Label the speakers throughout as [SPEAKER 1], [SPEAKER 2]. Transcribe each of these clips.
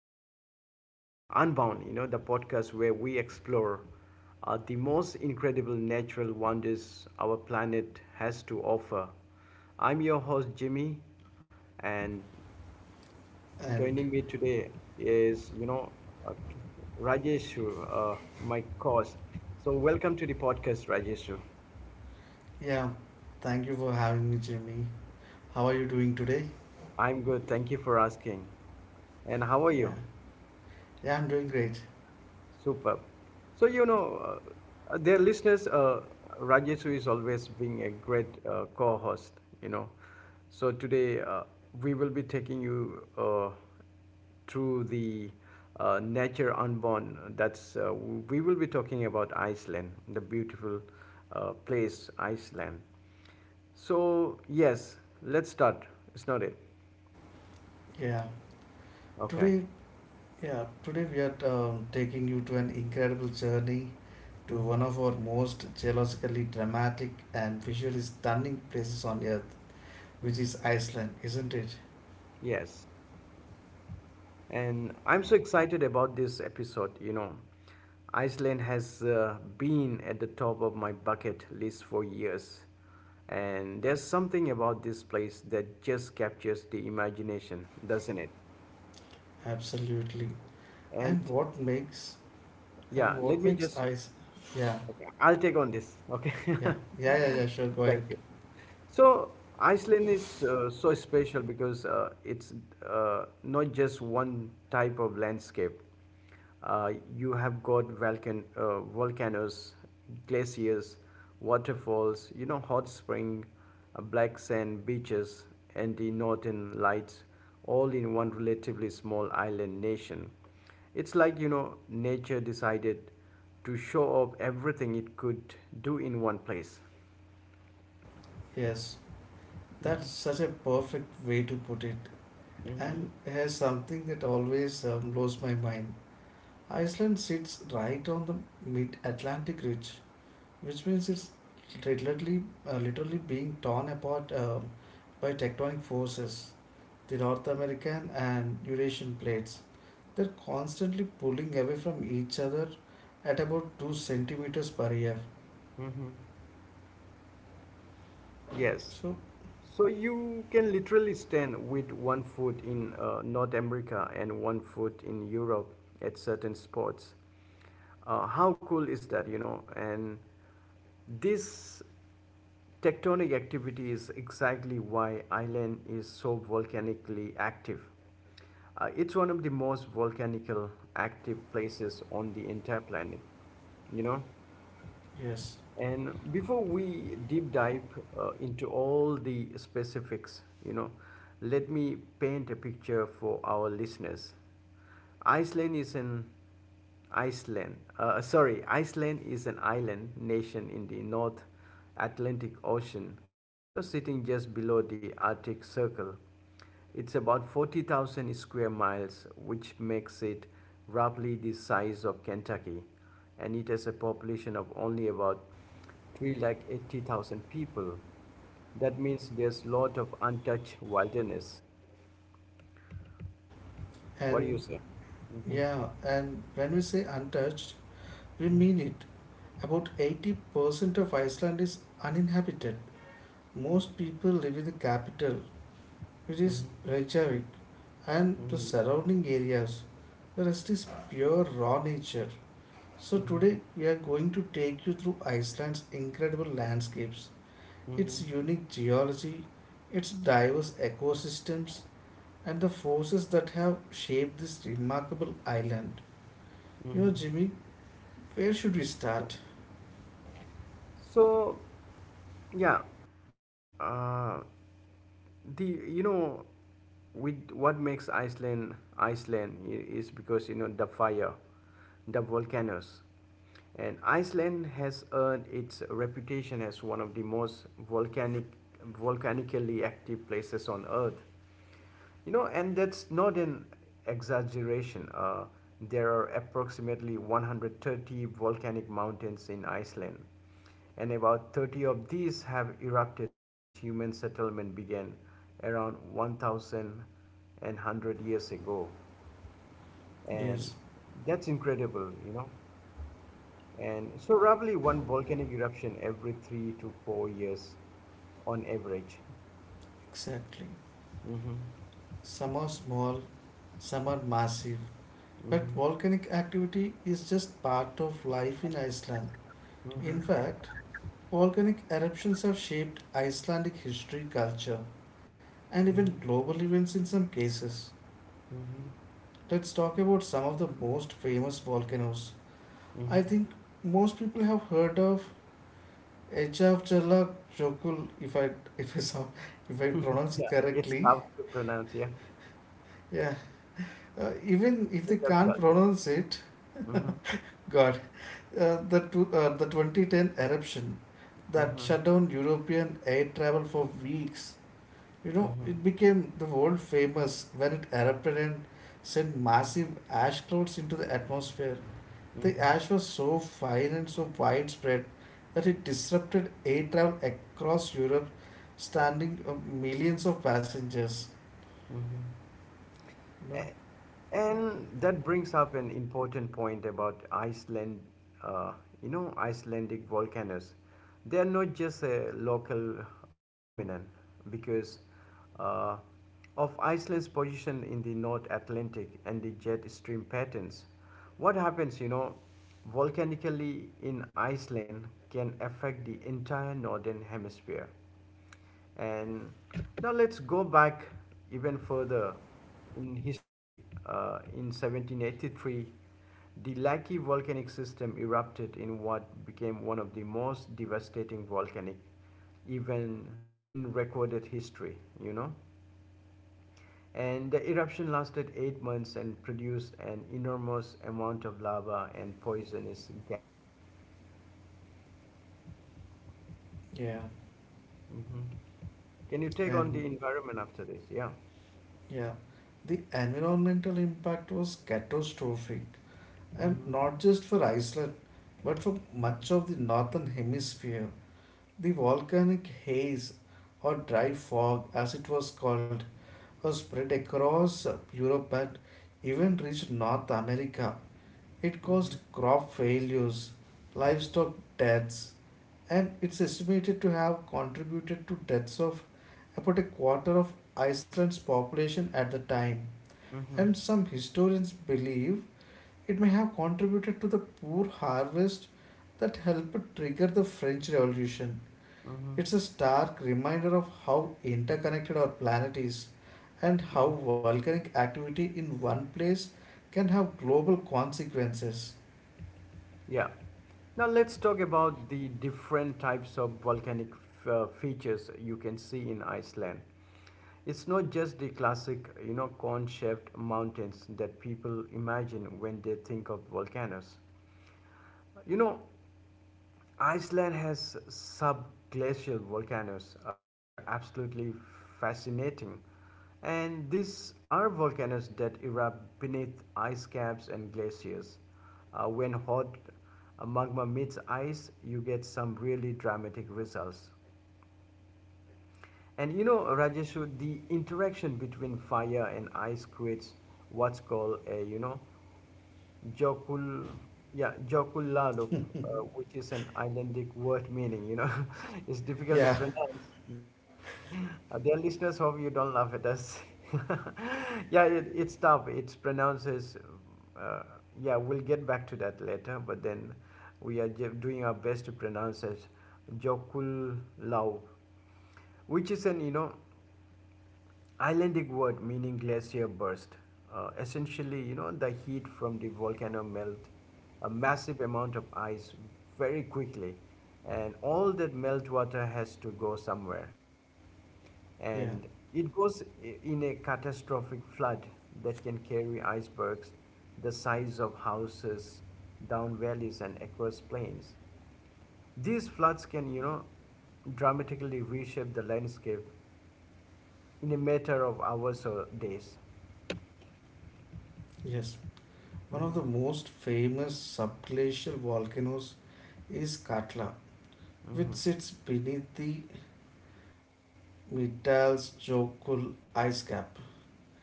[SPEAKER 1] Nature Bound Unbound, the podcast where we explore the most incredible natural wonders our planet has to offer. I'm your host, Jimmy, and
[SPEAKER 2] And
[SPEAKER 1] joining me today is, uh, Rajeshu, my host. So, welcome to the podcast, Rajeshu.
[SPEAKER 2] yeah, thank you for having me, Jimmy. How are you doing today?
[SPEAKER 1] I'm good. Thank you for asking. And how are
[SPEAKER 2] Yeah,
[SPEAKER 1] you?
[SPEAKER 2] yeah, I'm doing great.
[SPEAKER 1] Superb. So, dear listeners, Rajesu is always being a great co host, you know. So, today we will be taking you through the nature unborn. That's we will be talking about Iceland, the beautiful place, Iceland. So, yes, let's start. It's not it.
[SPEAKER 2] Yeah,
[SPEAKER 1] Okay.
[SPEAKER 2] today, yeah, today we are taking you to an incredible journey to
[SPEAKER 1] Hmm.
[SPEAKER 2] one of our most geologically dramatic and visually stunning places on Earth, which
[SPEAKER 1] Hmm.
[SPEAKER 2] is Iceland, isn't it?
[SPEAKER 1] Yes. And I'm so excited about this episode. Iceland has been at the top of my bucket list for years. And there's something about this place that just captures the imagination, doesn't it?
[SPEAKER 2] Absolutely. And
[SPEAKER 1] And
[SPEAKER 2] what makes and
[SPEAKER 1] Yeah,
[SPEAKER 2] what makes ice? Yeah,
[SPEAKER 1] okay, I'll take on this. Okay.
[SPEAKER 2] yeah, yeah, yeah, yeah. Sure, go ahead.
[SPEAKER 1] Thank you. So Iceland is so special because it's not just one type of landscape. You have got volcanoes, glaciers, waterfalls, hot spring, black sand beaches, and the northern lights, all in one relatively small island nation. It's like, nature decided to show off everything it could do in one place.
[SPEAKER 2] Yes, that's such a perfect way to put it.
[SPEAKER 1] Mm-hmm.
[SPEAKER 2] And has something that always blows my mind. Iceland sits right on the mid-Atlantic ridge, which means it's literally being torn apart by tectonic forces. The North American and Eurasian plates, they're constantly pulling away from each other at about 2 centimeters per year.
[SPEAKER 1] Mm-hmm. Yes.
[SPEAKER 2] So,
[SPEAKER 1] So you can literally stand with one foot in North America and one foot in Europe at certain spots. How cool is that, you know? And this tectonic activity is exactly why Iceland is so volcanically active. It's one of the most volcanical active places on the entire planet, you know?
[SPEAKER 2] yes.
[SPEAKER 1] And before we deep dive into all the specifics, let me paint a picture for our listeners. Iceland is an Iceland is an island nation in the North Atlantic Ocean, sitting just below the Arctic Circle. It's about 40,000 square miles, which makes it roughly the size of Kentucky, and it has a population of only about 380,000 people. That means there's a lot of untouched wilderness. What do
[SPEAKER 2] And
[SPEAKER 1] you say? Mhm.
[SPEAKER 2] yeah, and when we say untouched, we mean it. About 80% of Iceland is uninhabited.
[SPEAKER 1] Mhm.
[SPEAKER 2] Most people live in the capital, which is
[SPEAKER 1] Mhm.
[SPEAKER 2] Reykjavik, and the
[SPEAKER 1] Mhm.
[SPEAKER 2] surrounding areas. The rest is pure raw nature. So,
[SPEAKER 1] Mhm.
[SPEAKER 2] today we are going to take you through Iceland's incredible landscapes,
[SPEAKER 1] Mhm.
[SPEAKER 2] its
[SPEAKER 1] Mhm.
[SPEAKER 2] unique geology, its diverse ecosystems, and the forces that have shaped this remarkable island. You
[SPEAKER 1] Mhm.
[SPEAKER 2] know, Jimmy, where should we
[SPEAKER 1] Yeah.
[SPEAKER 2] start?
[SPEAKER 1] So, yeah. Uh, the with what makes Iceland is because the fire, the volcanoes, and Iceland has earned its reputation as one of the most volcanically active places on Earth. And that's not an exaggeration. There are approximately 130 volcanic mountains in Iceland, and about 30 of these have erupted since human settlement began around one thousand and hundred years ago. And
[SPEAKER 2] Yes,
[SPEAKER 1] that's incredible. And so, roughly one volcanic eruption every 3 to 4 years on average.
[SPEAKER 2] exactly.
[SPEAKER 1] Hmm.
[SPEAKER 2] Some are small, some are massive, but
[SPEAKER 1] Hmm.
[SPEAKER 2] volcanic activity is just part of life in Iceland.
[SPEAKER 1] Hmm.
[SPEAKER 2] In fact, volcanic eruptions have shaped Icelandic history, culture, and
[SPEAKER 1] Hmm.
[SPEAKER 2] even global events in some cases.
[SPEAKER 1] Hmm.
[SPEAKER 2] Let's talk about some of the most famous volcanoes. I
[SPEAKER 1] Mhm.
[SPEAKER 2] think most people have heard of Eyjafjallajökull, if I saw, if I pronounce
[SPEAKER 1] Yeah, it's
[SPEAKER 2] correctly.
[SPEAKER 1] tough to pronounce. Yeah,
[SPEAKER 2] Yeah, even if they
[SPEAKER 1] it's of
[SPEAKER 2] can't
[SPEAKER 1] Georgia.
[SPEAKER 2] pronounce it,
[SPEAKER 1] Mhm.
[SPEAKER 2] God, the 2010 eruption that
[SPEAKER 1] Mhm.
[SPEAKER 2] shut down European air travel for weeks. You know,
[SPEAKER 1] Mhm.
[SPEAKER 2] it became the world famous when it erupted and sent massive ash clouds into the atmosphere.
[SPEAKER 1] Mhm.
[SPEAKER 2] The ash was so fine and so widespread that it disrupted air travel across Europe, standing millions of passengers.
[SPEAKER 1] Mhm.
[SPEAKER 2] You know,
[SPEAKER 1] A- And that brings up an important point about Iceland, uh, Icelandic volcanoes. They are not just a local phenomenon because uh, of Iceland's position in the North Atlantic and the jet stream patterns. What happens, volcanically in Iceland can affect the entire northern hemisphere. And now let's go back even further in history. In 1783, the Laki volcanic system erupted in what became one of the most devastating volcanic event in recorded history, you know. And the eruption lasted 8 months and produced an enormous amount of lava and poisonous gas.
[SPEAKER 2] yeah,
[SPEAKER 1] Mhm. Can you take on the
[SPEAKER 2] and
[SPEAKER 1] environment after this? Yeah.
[SPEAKER 2] yeah, the environmental impact was catastrophic. And
[SPEAKER 1] Hmm.
[SPEAKER 2] not just for Iceland, but for much of the northern hemisphere, the volcanic haze or dry fog, as it was called, was spread across Europe and even reached North America. It
[SPEAKER 1] Hmm.
[SPEAKER 2] caused crop failures, livestock deaths, and it's estimated to have contributed to deaths of about a quarter of Iceland's population at the time.
[SPEAKER 1] Mm-hmm.
[SPEAKER 2] And some historians believe it may have contributed to the poor harvest that helped trigger the French Revolution.
[SPEAKER 1] Mm-hmm.
[SPEAKER 2] It's a stark reminder of how interconnected our planet is and how
[SPEAKER 1] Mhm.
[SPEAKER 2] volcanic activity in one place can have global consequences.
[SPEAKER 1] Yeah. Now let's talk about the different types of features you can see in Iceland. It's not just the classic, cone-shaped mountains that people imagine when they think of volcanoes. You know, Iceland has subglacial volcanoes, which are absolutely fascinating. And these are volcanoes that erupt beneath ice caps and glaciers. When hot magma meets ice, you get some really dramatic results. And Rajeshu, the interaction between fire and ice creates what's called a, Jokul, yeah, Jokullalup, uh, which is an Icelandic word meaning, it's difficult to
[SPEAKER 2] Yeah,
[SPEAKER 1] pronounce, yeah. Dear listeners, hope you don't laugh at us. Yeah, it's tough. It's pronounced as, uh, yeah, we'll get back to that later, but then we are doing our best to pronounce as Jokullalup which is an Icelandic word meaning glacier burst. Essentially, the heat from the volcano melt a massive amount of ice very quickly, and all that melt water has to go somewhere,
[SPEAKER 2] yeah,
[SPEAKER 1] and it goes in a catastrophic flood that can carry icebergs the size of houses down valleys and across plains. These floods can, dramatically reshape the landscape in a matter of hours or days.
[SPEAKER 2] yes. One of
[SPEAKER 1] Mhm.
[SPEAKER 2] the most famous subglacial volcanoes is Katla, which
[SPEAKER 1] Mhm.
[SPEAKER 2] sits beneath the Mitals Jokul ice cap.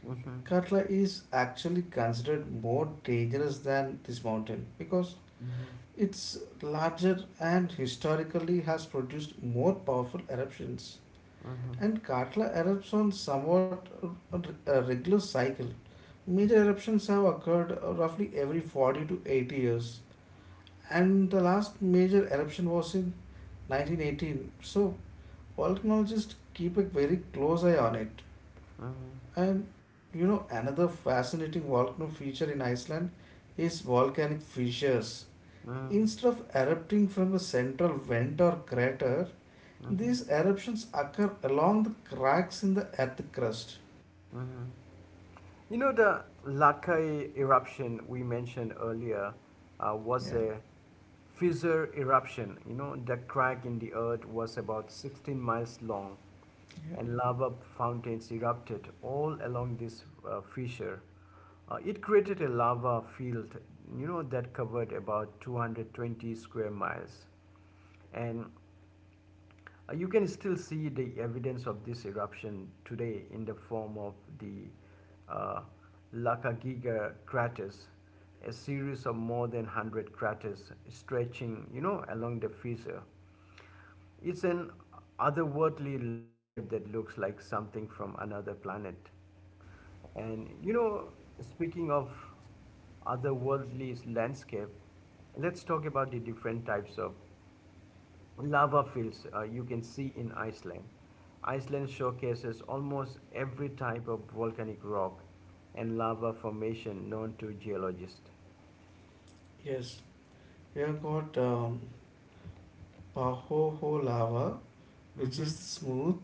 [SPEAKER 1] Mhm.
[SPEAKER 2] Katla is actually considered more dangerous than this mountain because
[SPEAKER 1] Mhm.
[SPEAKER 2] it's larger and historically has produced more powerful eruptions.
[SPEAKER 1] Mhm. Mhm.
[SPEAKER 2] And Katla erupts on somewhat a regular cycle. Major eruptions have occurred roughly every 40 to 80 years, and the last major eruption was in 1918. So, volcanologists keep a very close eye on it.
[SPEAKER 1] Mhm.
[SPEAKER 2] Another fascinating volcano feature in Iceland is volcanic fissures. Instead of erupting from the central vent or crater,
[SPEAKER 1] Mhm.
[SPEAKER 2] these eruptions occur along the cracks in the earth crust.
[SPEAKER 1] Mhm. The Lakai eruption we mentioned earlier was
[SPEAKER 2] Yeah,
[SPEAKER 1] a fissure eruption. The crack in the earth was about 16 miles long
[SPEAKER 2] yeah,
[SPEAKER 1] and lava fountains erupted all along this fissure. It created a lava field, that covered about 220 square miles. And you can still see the evidence of this eruption today in the form of the uh, Lakagiga craters, a series of more than 100 craters stretching, along the fissure. It's an otherworldly landscape that looks like something from another planet. And speaking of otherworldly landscape, let's talk about the different types of lava fields you can see in Iceland. Iceland showcases almost every type of volcanic rock and lava formation known to geologists.
[SPEAKER 2] yes. We have got Pahoho lava, which
[SPEAKER 1] Mm-hmm.
[SPEAKER 2] is the smooth,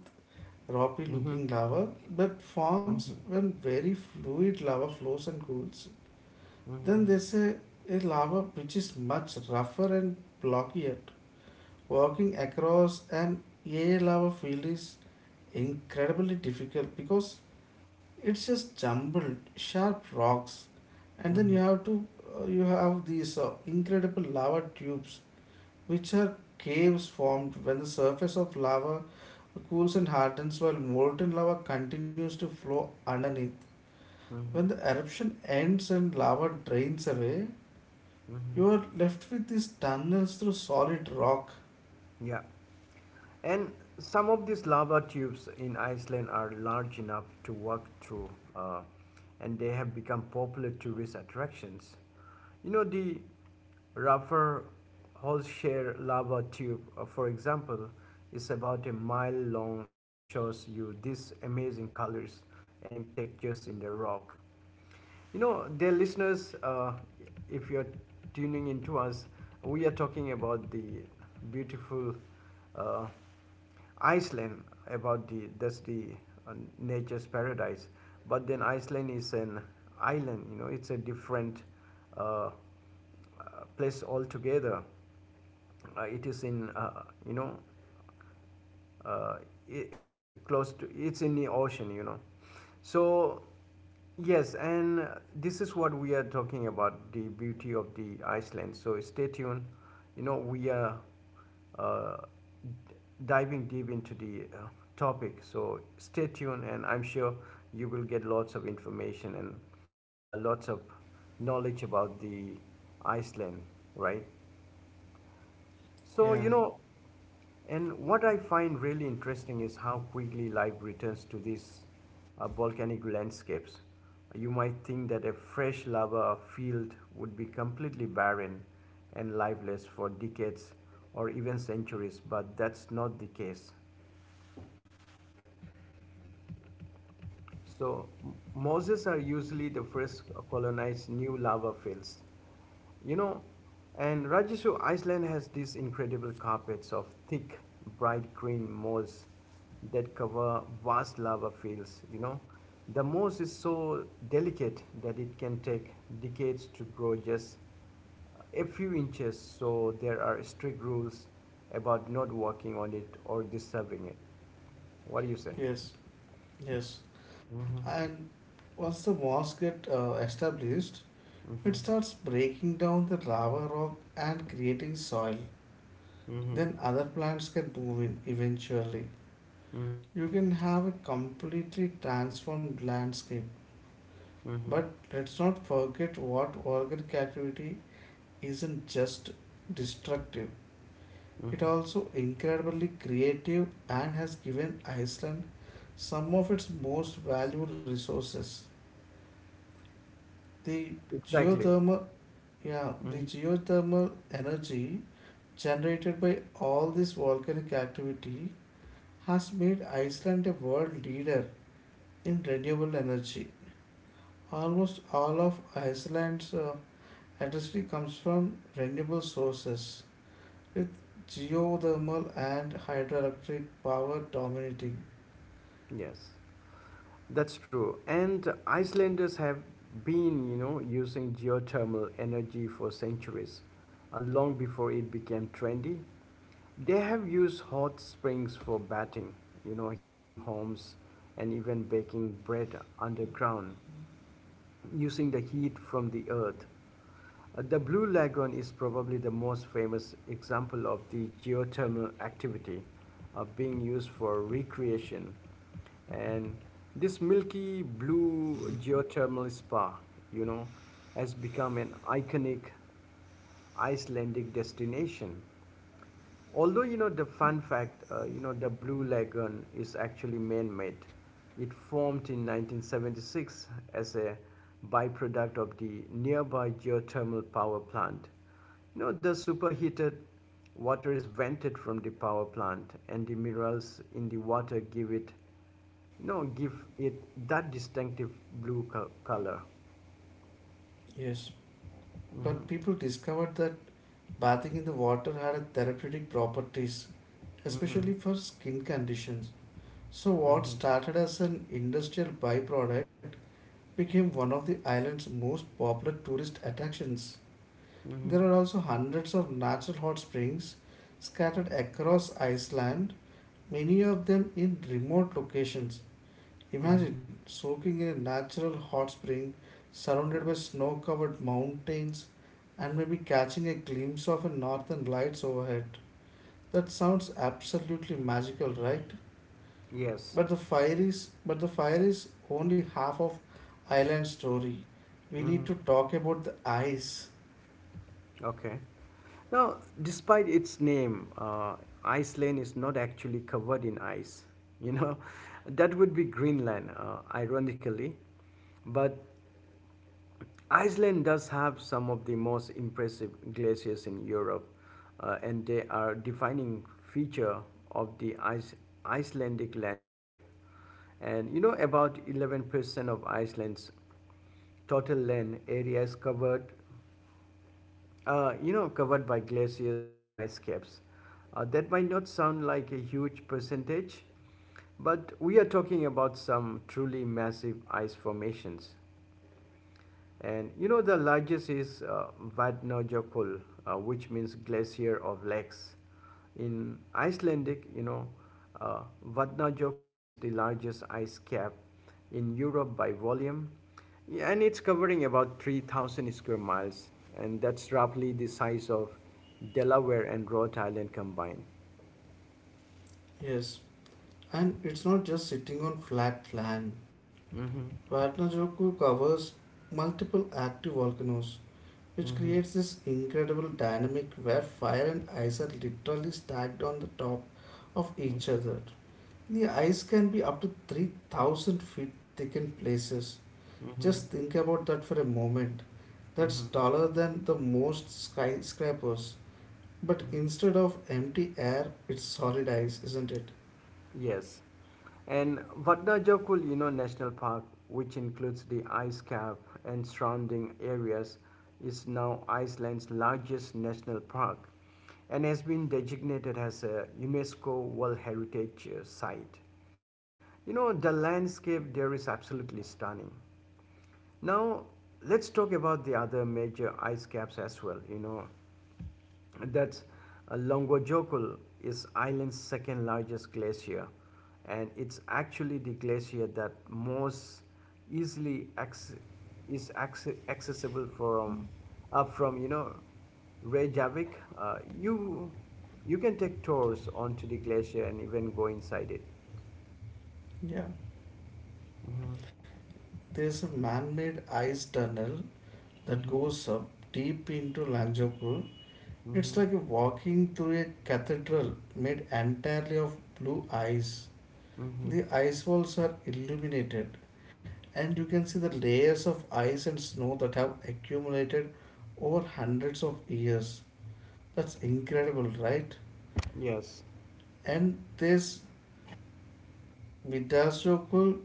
[SPEAKER 2] rocky
[SPEAKER 1] Mm-hmm.
[SPEAKER 2] looking lava that forms
[SPEAKER 1] Mm-hmm.
[SPEAKER 2] when very fluid lava flows and cools.
[SPEAKER 1] Mm-hmm.
[SPEAKER 2] Then there's a lava which is much rougher and blockier. Walking across an A lava field is incredibly difficult because it's just jumbled, sharp rocks, and then you have these incredible lava tubes which are caves formed when the surface of lava cools and hardens while molten lava continues to flow underneath. When
[SPEAKER 1] Mm-hmm.
[SPEAKER 2] the eruption ends and lava drains away, you
[SPEAKER 1] Mm-hmm.
[SPEAKER 2] are left with these tunnels through solid rock.
[SPEAKER 1] Yeah. And some of these lava tubes in Iceland are large enough to walk through, uh, and they have become popular tourist attractions. The Raffer Holshare lava tube, for example, is about a mile long and shows you these amazing colors and textures in the rock. Dear listeners, if you're tuning in to us, we are talking about the beautiful uh, Iceland, about the that's the uh, nature's paradise. But then Iceland is an island. It's a different uh, uh, place altogether. It is in uh, I- it's close to it's in the ocean so yes, and this is what we are talking about the beauty of the Iceland, so stay tuned. We are uh, diving deep into the topic, so stay tuned and I'm sure you will get lots of information and lots of knowledge about the Iceland, right? So,
[SPEAKER 2] Yeah,
[SPEAKER 1] and what I find really interesting is how quickly life returns to these volcanic landscapes. You might think that a fresh lava field would be completely barren and lifeless for decades or even centuries, but that's not the case. So mosses are usually the first colonized new lava fields. You know, and Rajesu, Iceland has these incredible carpets of thick, bright green moss that cover vast lava fields. The moss is so delicate that it can take decades to grow just a few inches. So there are strict rules about not walking on it or disturbing it. What do you say?
[SPEAKER 2] yes, yes.
[SPEAKER 1] Mm-hmm.
[SPEAKER 2] And once the walls get established,
[SPEAKER 1] Mm-hmm.
[SPEAKER 2] it starts breaking down the lava rock and creating soil.
[SPEAKER 1] Mm-hmm.
[SPEAKER 2] Then other plants can move in eventually.
[SPEAKER 1] Mm-hmm.
[SPEAKER 2] You can have a completely transformed landscape.
[SPEAKER 1] Mm-hmm.
[SPEAKER 2] But let's not forget what organic activity isn't just destructive. It
[SPEAKER 1] Mm-hmm.
[SPEAKER 2] also incredibly creative and has given Iceland some of its most valuable resources. The
[SPEAKER 1] Exactly.
[SPEAKER 2] geothermal yeah, the
[SPEAKER 1] Mhm.
[SPEAKER 2] geothermal energy generated by all this volcanic activity has made Iceland a world leader in renewable energy. Almost all of Iceland's electricity comes from renewable sources, with geothermal and hydroelectric power dominating.
[SPEAKER 1] Yes, that's true. And Icelanders have been, using geothermal energy for centuries, long before it became trendy. They have used hot springs for bathing, heating homes, and even baking bread underground, using the heat from the earth. The Blue Lagoon is probably the most famous example of the geothermal activity being used for recreation. And this milky blue geothermal spa, you know, has become an iconic Icelandic destination. Although the fun fact, the Blue Lagoon is actually man-made. It formed in 1976 as a byproduct of the nearby geothermal power plant. The superheated water is vented from the power plant, and the minerals in the water give it that distinctive blue color.
[SPEAKER 2] Yes. But
[SPEAKER 1] Mm-hmm.
[SPEAKER 2] people discovered that bathing in the water had therapeutic properties,
[SPEAKER 1] Mm-hmm.
[SPEAKER 2] especially for skin conditions. So, what
[SPEAKER 1] Mm-hmm.
[SPEAKER 2] started as an industrial byproduct became one of the island's most popular tourist attractions.
[SPEAKER 1] Mm-hmm.
[SPEAKER 2] There are also hundreds of natural hot springs scattered across Iceland, many of them in remote locations.
[SPEAKER 1] Mm-hmm.
[SPEAKER 2] Imagine soaking in a natural hot spring surrounded by snow covered mountains and maybe catching a glimpse of a northern lights overhead. That sounds absolutely magical, right?
[SPEAKER 1] Yes.
[SPEAKER 2] But the fire is only half of island story. We need
[SPEAKER 1] Hmm.
[SPEAKER 2] to talk about the ice.
[SPEAKER 1] Okay. Now, despite its name, Iceland is not actually covered in ice. You know, that would be Greenland, ironically. But Iceland does have some of the most impressive glaciers in Europe, and they are defining feature of the Icelandic landscape. And about 11% of Iceland's total land area is covered by glaciers and ice caps. That might not sound like a huge percentage, but we are talking about some truly massive ice formations. And the largest is Vatnajökull, which means glacier of lakes. In Icelandic, uh, Vatnajökull is the largest ice cap in Europe by volume, yeah, and it's covering about 3,000 square miles, and that's roughly the size of Delaware and Rhode Island combined.
[SPEAKER 2] Yes. And it's not just sitting on flat land.
[SPEAKER 1] Mm-hmm.
[SPEAKER 2] Vatnajoku covers multiple active volcanoes which
[SPEAKER 1] Mm-hmm.
[SPEAKER 2] creates this incredible dynamic where fire and ice are literally stacked on the top of each
[SPEAKER 1] Mm-hmm.
[SPEAKER 2] other. The ice can be up to 3,000 feet thick in places.
[SPEAKER 1] Mm-hmm.
[SPEAKER 2] Just think about that for a moment. That's
[SPEAKER 1] Mm-hmm.
[SPEAKER 2] taller than the most skyscrapers. But instead of empty air, it's solid ice, isn't it?
[SPEAKER 1] Yes. And Vatnajökull, National Park, which includes the ice cap and surrounding areas, is now Iceland's largest national park and has been designated as a UNESCO World Heritage Site. You know, the landscape there is absolutely stunning. Now, let's talk about the other major ice caps as well, you know, that's Longwajokul is Ireland's second largest glacier, and it's actually the glacier that most easily acc- is acc- accessible from up from Reykjavik. You can take tours onto the glacier and even go inside it.
[SPEAKER 2] Yeah.
[SPEAKER 1] Hmm.
[SPEAKER 2] There's a man made ice tunnel that
[SPEAKER 1] Hmm.
[SPEAKER 2] goes up deep into Lanzhou Pool. It's
[SPEAKER 1] Hmm.
[SPEAKER 2] like walking through a cathedral made entirely of blue ice.
[SPEAKER 1] Hmm.
[SPEAKER 2] The ice walls are illuminated, and you can see the layers of ice and snow that have accumulated over hundreds of years. That's incredible, right?
[SPEAKER 1] Yes.
[SPEAKER 2] And this Vidasokul,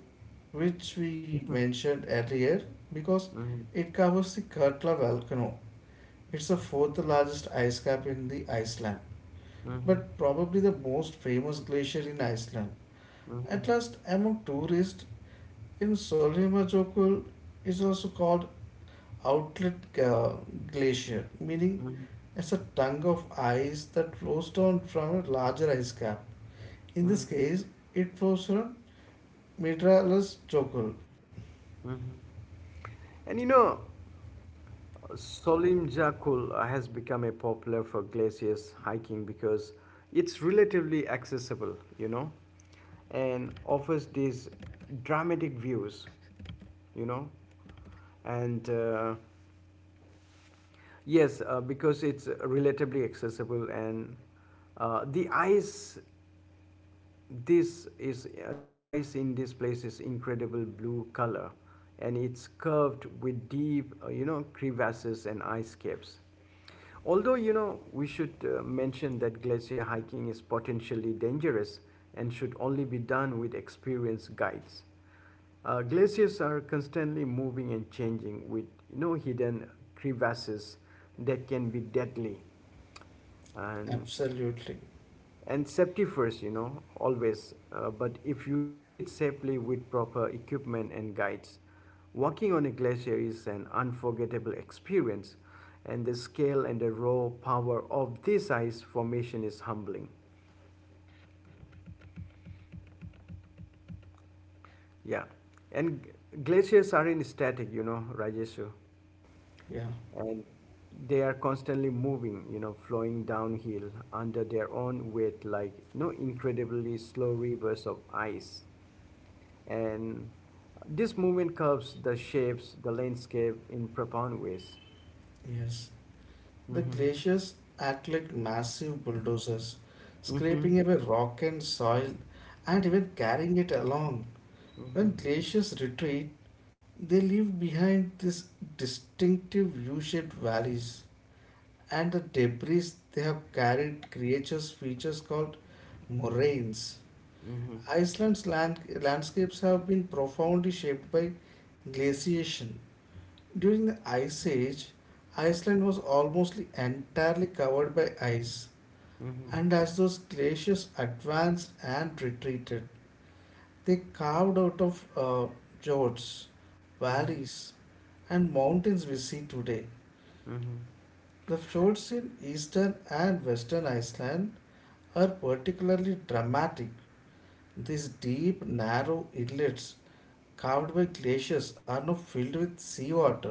[SPEAKER 2] which we
[SPEAKER 1] Hmm.
[SPEAKER 2] mentioned earlier, because
[SPEAKER 1] Hmm.
[SPEAKER 2] it covers the Katla volcano. It's the fourth largest ice cap in the Iceland.
[SPEAKER 1] Hmm.
[SPEAKER 2] But probably the most famous glacier in Iceland.
[SPEAKER 1] Hmm.
[SPEAKER 2] At last, among tourists, in Sólheimajökull is also called Outlet Glacier, meaning
[SPEAKER 1] Hmm.
[SPEAKER 2] it's a tongue of ice that flows down from a larger ice cap. In this case, it flows from Midralas.
[SPEAKER 1] Hmm. And you know. Solim has become a popular for glaciers hiking because it's relatively accessible, you know, and offers these dramatic views, you know, and yes, because it's relatively accessible and the ice, this is, the ice in this place is incredible blue color, and it's curved with deep, you know, crevasses and ice caps. Although, you know, we should mention that glacier hiking is potentially dangerous and should only be done with experienced guides. Glaciers are constantly moving and changing with no hidden crevasses that can be deadly. And
[SPEAKER 2] Absolutely,
[SPEAKER 1] and safety first, you know, always, but if you do it safely with proper equipment and guides, walking on a glacier is an unforgettable experience, and the scale and the raw power of this ice formation is humbling. Yeah. And glaciers aren't static, you know, Rajeshu.
[SPEAKER 2] yeah,
[SPEAKER 1] And they are constantly moving, you know, flowing downhill under their own weight, like no incredibly slow rivers of ice. And this movement curves the shapes, the landscape in profound ways.
[SPEAKER 2] yes. The
[SPEAKER 1] Mm-hmm.
[SPEAKER 2] glaciers act like massive bulldozers,
[SPEAKER 1] Mm-hmm.
[SPEAKER 2] scraping away rock and soil and even carrying it along. When
[SPEAKER 1] Mm-hmm.
[SPEAKER 2] glaciers retreat, they leave behind these distinctive U shaped valleys, and the debris they have carried creatures features called moraines.
[SPEAKER 1] Mm-hmm.
[SPEAKER 2] Iceland's landscapes have been profoundly shaped by glaciation. During the Ice Age, Iceland was almost entirely covered by ice, and as those glaciers advanced and retreated, they carved out of fjords,
[SPEAKER 1] Mm-hmm.
[SPEAKER 2] valleys, and mountains we see today.
[SPEAKER 1] Mm-hmm.
[SPEAKER 2] The fjords in eastern and western Iceland are particularly dramatic. These deep, narrow inlets carved by glaciers are now filled with seawater,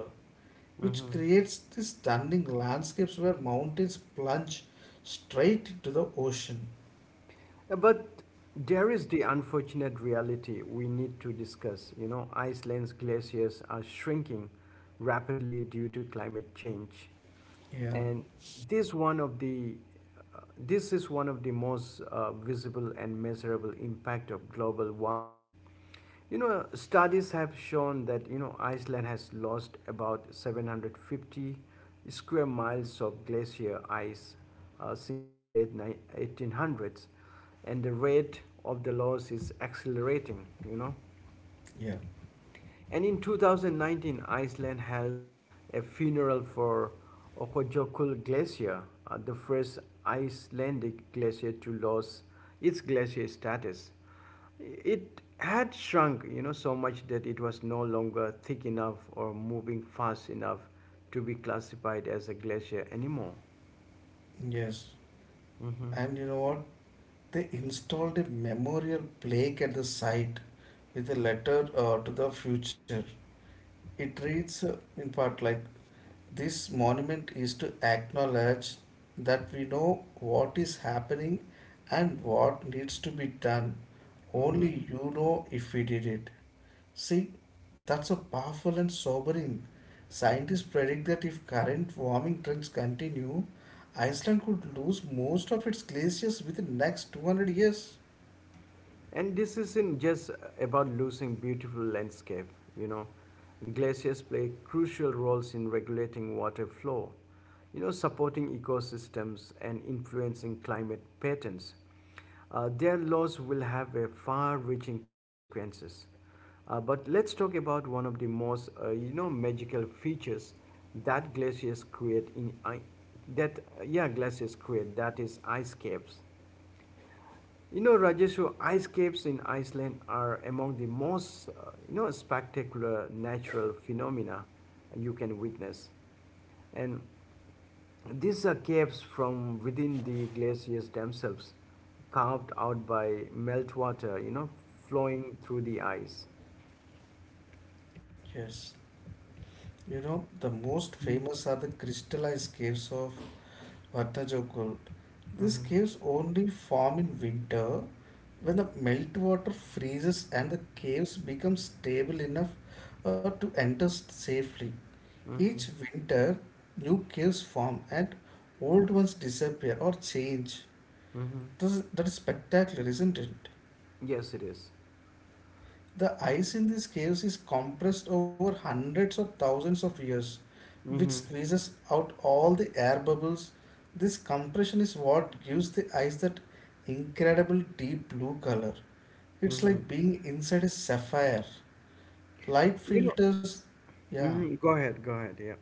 [SPEAKER 2] which
[SPEAKER 1] Mm-hmm.
[SPEAKER 2] creates these stunning landscapes where mountains plunge straight into the ocean.
[SPEAKER 1] But there is the unfortunate reality we need to discuss. You know, Iceland's glaciers are shrinking rapidly due to climate change.
[SPEAKER 2] Yeah,
[SPEAKER 1] And this one of the this is one of the most visible and measurable impact of global warming. You know, studies have shown that, you know, Iceland has lost about 750 square miles of glacier ice since the late 1800s, and the rate of the loss is accelerating, you know.
[SPEAKER 2] yeah.
[SPEAKER 1] And in 2019, Iceland held a funeral for Okojokull Glacier, the first Icelandic glacier to lose its glacier status. It had shrunk, you know, so much that it was no longer thick enough or moving fast enough to be classified as a glacier anymore.
[SPEAKER 2] Yes.
[SPEAKER 1] Mm-hmm.
[SPEAKER 2] And you know what? They installed a memorial plaque at the site with a letter to the future. It reads in part like this monument is to acknowledge that we know what is happening and what needs to be done.
[SPEAKER 1] Mm-hmm.
[SPEAKER 2] Only you know if we did it. See, that's a powerful and sobering. Scientists predict that if current warming trends continue, Iceland could lose most of its glaciers within the next 200 years.
[SPEAKER 1] And this isn't just about losing beautiful landscape, you know. Glaciers play crucial roles in regulating water flow, you know, supporting ecosystems and influencing climate patterns. Their loss will have a far-reaching consequences. But let's talk about one of the most, you know, magical features that that yeah glaciers create. That is ice caves. You know, Rajeshu, ice caves in Iceland are among the most, you know, spectacular natural phenomena you can witness. And these are caves from within the glaciers themselves, carved out by meltwater, you know, flowing through the ice.
[SPEAKER 2] Yes, the most famous are the crystallized caves of Vatnajökull. These
[SPEAKER 1] Mm-hmm.
[SPEAKER 2] caves only form in winter when the meltwater freezes and the caves become stable enough to enter safely. Each
[SPEAKER 1] Mm-hmm.
[SPEAKER 2] winter, new caves form and old ones disappear or change.
[SPEAKER 1] Mm-hmm.
[SPEAKER 2] That is spectacular, isn't it?
[SPEAKER 1] Yes, it is.
[SPEAKER 2] The ice in these caves is compressed over hundreds of thousands of years, which
[SPEAKER 1] Mm-hmm.
[SPEAKER 2] squeezes out all the air bubbles. This compression is what gives the ice that incredible deep blue color. It's
[SPEAKER 1] Mm-hmm.
[SPEAKER 2] like being inside a sapphire. Light
[SPEAKER 1] You know,
[SPEAKER 2] filters, yeah.
[SPEAKER 1] mm-hmm. Go ahead, go ahead, yeah.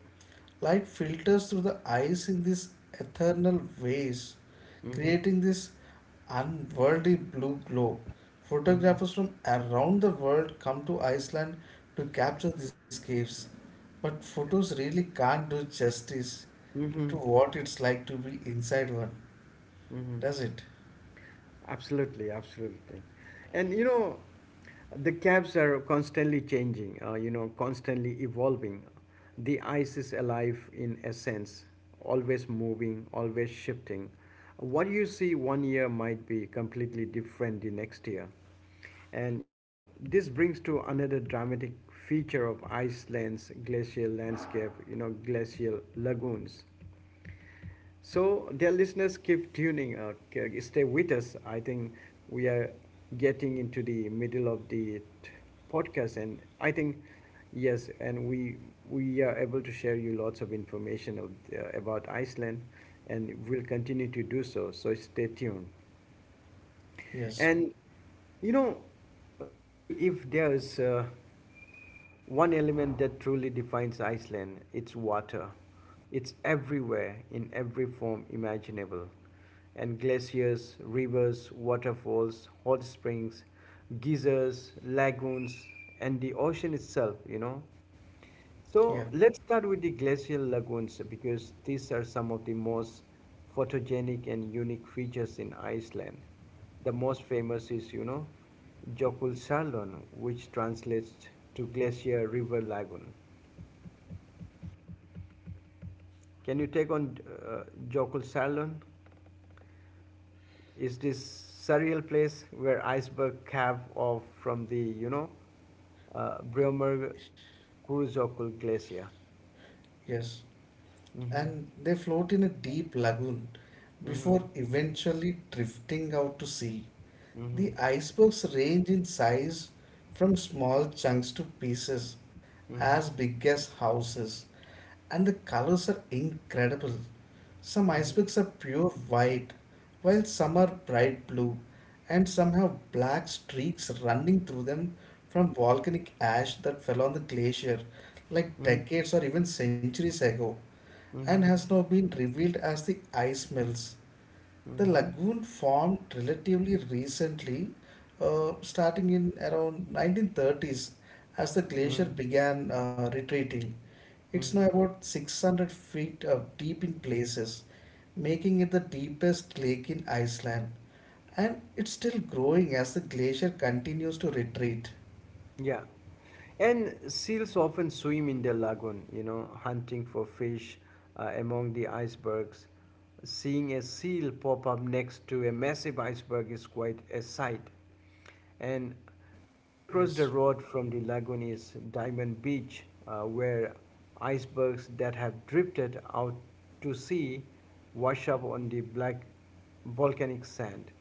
[SPEAKER 2] Light filters through the eyes in these eternal ways,
[SPEAKER 1] Mm-hmm.
[SPEAKER 2] creating this unworldly blue glow. Photographers from around the world come to Iceland to capture these caves, but photos really
[SPEAKER 1] Mm-hmm.
[SPEAKER 2] can't do justice
[SPEAKER 1] Mm-hmm.
[SPEAKER 2] to what it's like to be inside one,
[SPEAKER 1] Mm-hmm.
[SPEAKER 2] does it?
[SPEAKER 1] Absolutely, absolutely. And you know, the cabs are constantly changing, you know, constantly evolving. The ice is alive in essence, always moving, always shifting. What you see one year might be completely different the next year. And you know, this brings to another dramatic feature of Iceland's glacial landscape, you know, glacial lagoons. So, dear listeners, keep tuning. Stay with us. I think we are getting into the middle of the podcast, and I think yes, and we are able to share you lots of information of, about Iceland, and we'll continue to do so. So, stay tuned.
[SPEAKER 2] Yes,
[SPEAKER 1] And you know, Rajesh, if there's one element that truly defines Iceland, it's water. It's everywhere in every form imaginable. And glaciers, rivers, waterfalls, hot springs, geysers, lagoons, and the ocean itself, you know.
[SPEAKER 2] yeah,
[SPEAKER 1] So let's start with the glacial lagoons because these are some of the most photogenic and unique features in Iceland. The most famous is, you know, Jökulsárlón, which translates to glacier river lagoon. Can you take on Jökulsárlón? Is this surreal place where iceberg calve off from the, you know, Bremer Kurjökull glacier?
[SPEAKER 2] yes.
[SPEAKER 1] Mm-hmm.
[SPEAKER 2] And they float in a deep lagoon
[SPEAKER 1] Mm-hmm.
[SPEAKER 2] before eventually drifting out to sea.
[SPEAKER 1] Mm-hmm.
[SPEAKER 2] The icebergs range in size from small chunks to pieces as
[SPEAKER 1] Mm-hmm.
[SPEAKER 2] big as houses, and the colors are incredible. Some
[SPEAKER 1] Mm-hmm.
[SPEAKER 2] icebergs are pure white, while some are bright blue, and some have black streaks running through them from volcanic ash that fell on the glacier like
[SPEAKER 1] Mm-hmm.
[SPEAKER 2] decades or even centuries ago and
[SPEAKER 1] Mm-hmm.
[SPEAKER 2] has now been revealed as the ice melts. The
[SPEAKER 1] Mm-hmm.
[SPEAKER 2] lagoon formed relatively recently, starting in around 1930s as the
[SPEAKER 1] Mm-hmm.
[SPEAKER 2] glacier
[SPEAKER 1] Mm-hmm.
[SPEAKER 2] began retreating. It's now
[SPEAKER 1] Mm-hmm.
[SPEAKER 2] about 600 feet deep in places, making it the deepest lake in Iceland. And it's still growing as the glacier continues to retreat.
[SPEAKER 1] Yeah, and seals often swim in the lagoon, you know, hunting for fish among the icebergs. Seeing a seal pop up next to a massive iceberg is quite a sight. And
[SPEAKER 2] Ye-
[SPEAKER 1] just across the
[SPEAKER 2] Yes.
[SPEAKER 1] road from the lagoon is Diamond Beach, where icebergs that have drifted out to sea wash up on the black volcanic sand.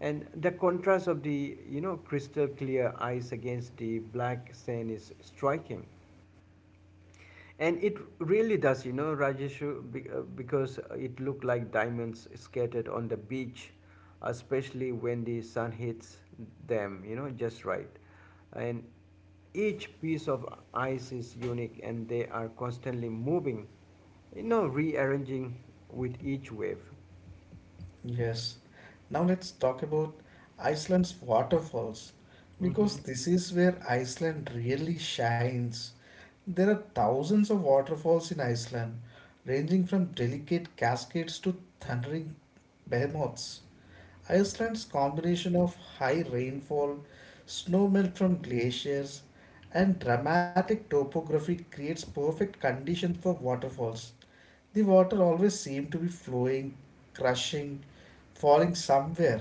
[SPEAKER 1] And the contrast of the, you know, crystal clear ice against the black sand is striking. And it really does, you know, Rajeshu, because it looked like diamonds scattered on the beach, especially when the sun hits them, you know, just right. And each piece of ice is unique, and they are constantly moving, you know, rearranging with each wave.
[SPEAKER 2] Yes. Now let's talk about Iceland's waterfalls
[SPEAKER 1] Mm-hmm.
[SPEAKER 2] because this is where Iceland really shines. There are thousands of waterfalls in Iceland, ranging from delicate cascades to thundering behemoths. Iceland's combination of high rainfall, snowmelt from glaciers, and dramatic topography creates perfect conditions for waterfalls. The water always seemed to be flowing, crushing, falling somewhere.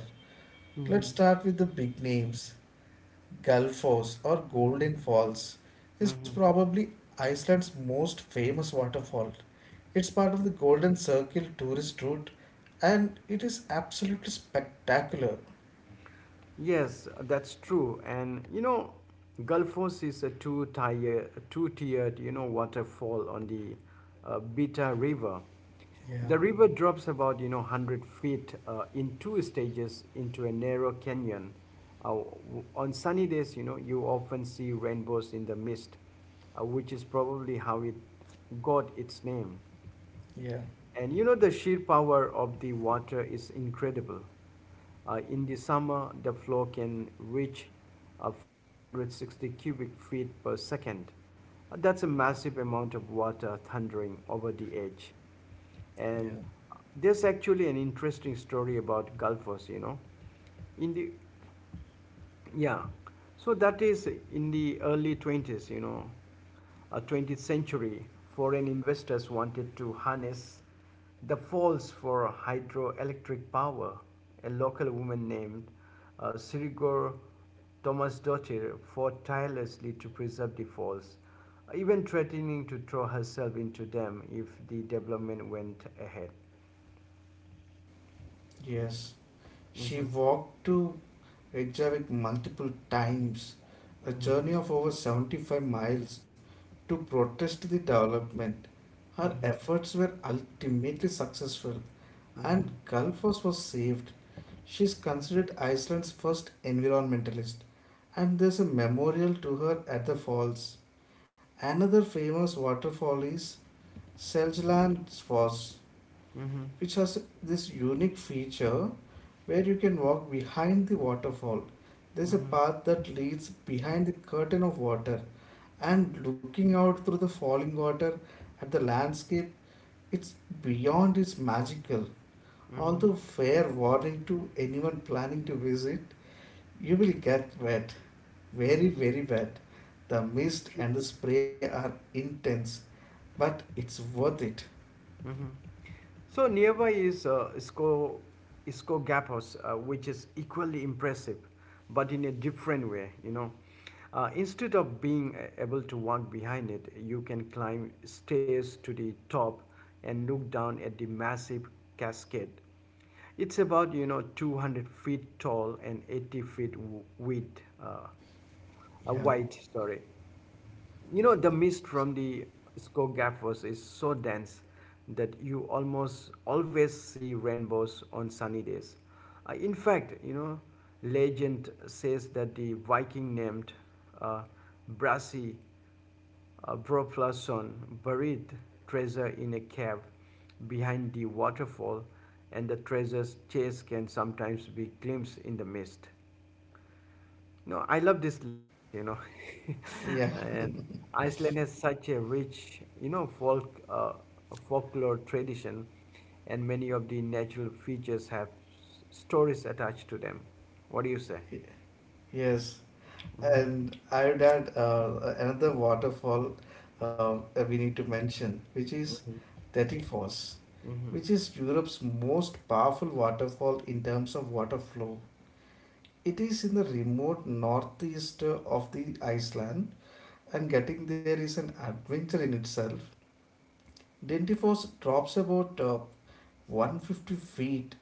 [SPEAKER 2] Let's
[SPEAKER 1] Mm-hmm.
[SPEAKER 2] start with the big names. Gullfoss or Golden Falls is
[SPEAKER 1] Mm-hmm.
[SPEAKER 2] probably Iceland's most famous waterfall. It's part of the Golden Circle tourist route and it is absolutely spectacular.
[SPEAKER 1] Yes, that's true. And you know, Gulfos is a two-tiered, you know, waterfall on the Beta River.
[SPEAKER 2] Yeah,
[SPEAKER 1] The river drops about, you know, 100 feet in two stages into a narrow canyon. On sunny days, you know, you often see rainbows in the mist, which is probably how it got its name.
[SPEAKER 2] yeah,
[SPEAKER 1] And you know, the sheer power of the water is incredible. In the summer, the flow can reach 460 cubic feet per second. That's a massive amount of water thundering over the edge. And
[SPEAKER 2] yeah.
[SPEAKER 1] there's actually an interesting story about Gulfers, you know. In the yeah, so that is in the early 20s, you know, 20th century, foreign investors wanted to harness the falls for hydroelectric power. A local woman named Sirigor Thomasdottir fought tirelessly to preserve the falls, even threatening to throw herself into them if the development went ahead.
[SPEAKER 2] Yes. She
[SPEAKER 1] Mhm.
[SPEAKER 2] walked to Reykjavik multiple times, a
[SPEAKER 1] Mhm.
[SPEAKER 2] journey of over 75 miles to protest the development. Her
[SPEAKER 1] Mhm.
[SPEAKER 2] efforts were ultimately successful
[SPEAKER 1] Mhm.
[SPEAKER 2] and Kalfos was saved. She is considered Iceland's first environmentalist and there's a memorial to her at the falls. Another famous waterfall is Seljalandsfoss,
[SPEAKER 1] Mhm.
[SPEAKER 2] which has this unique feature where you can walk behind the waterfall. There's a
[SPEAKER 1] Mhm.
[SPEAKER 2] path that leads behind the curtain of water and looking out through the falling water at the landscape, it's beyond its magical.
[SPEAKER 1] Mhm.
[SPEAKER 2] Although fair warning to anyone planning to visit, you will get wet,
[SPEAKER 1] Mhm.
[SPEAKER 2] very, very wet. The mist and the spray are intense, but it's worth it.
[SPEAKER 1] Mhm. So nearby is Isco, Isco Gap House, which is equally impressive, but in a different way. You know, instead of being able to walk behind it, you can climb stairs to the top and look down at the massive cascade. It's about, you know, 200 feet tall and 80 feet wide.
[SPEAKER 2] Yeah,
[SPEAKER 1] Wide, sorry. You know, the mist from the Skogafoss is so dense that you almost always see rainbows on sunny days. In fact, you know, legend says that the Viking named uh, Brasi Broflason buried treasure in a cave behind the waterfall, and the treasure's chase can sometimes be glimpsed in the mist. No, I love these legends, you know.
[SPEAKER 2] yeah,
[SPEAKER 1] And Iceland has such a rich, you know, folk folklore tradition, and many of the natural features have stories attached to them. What do you say?
[SPEAKER 2] yes.
[SPEAKER 1] Mm-hmm.
[SPEAKER 2] And I would add another waterfall uh, we need to mention, which is 30 Falls, which is Europe's most powerful waterfall in terms of water flow. It is in the remote northeast of the Iceland, and getting there is an adventure in itself. Dentifoss drops about 150 feet,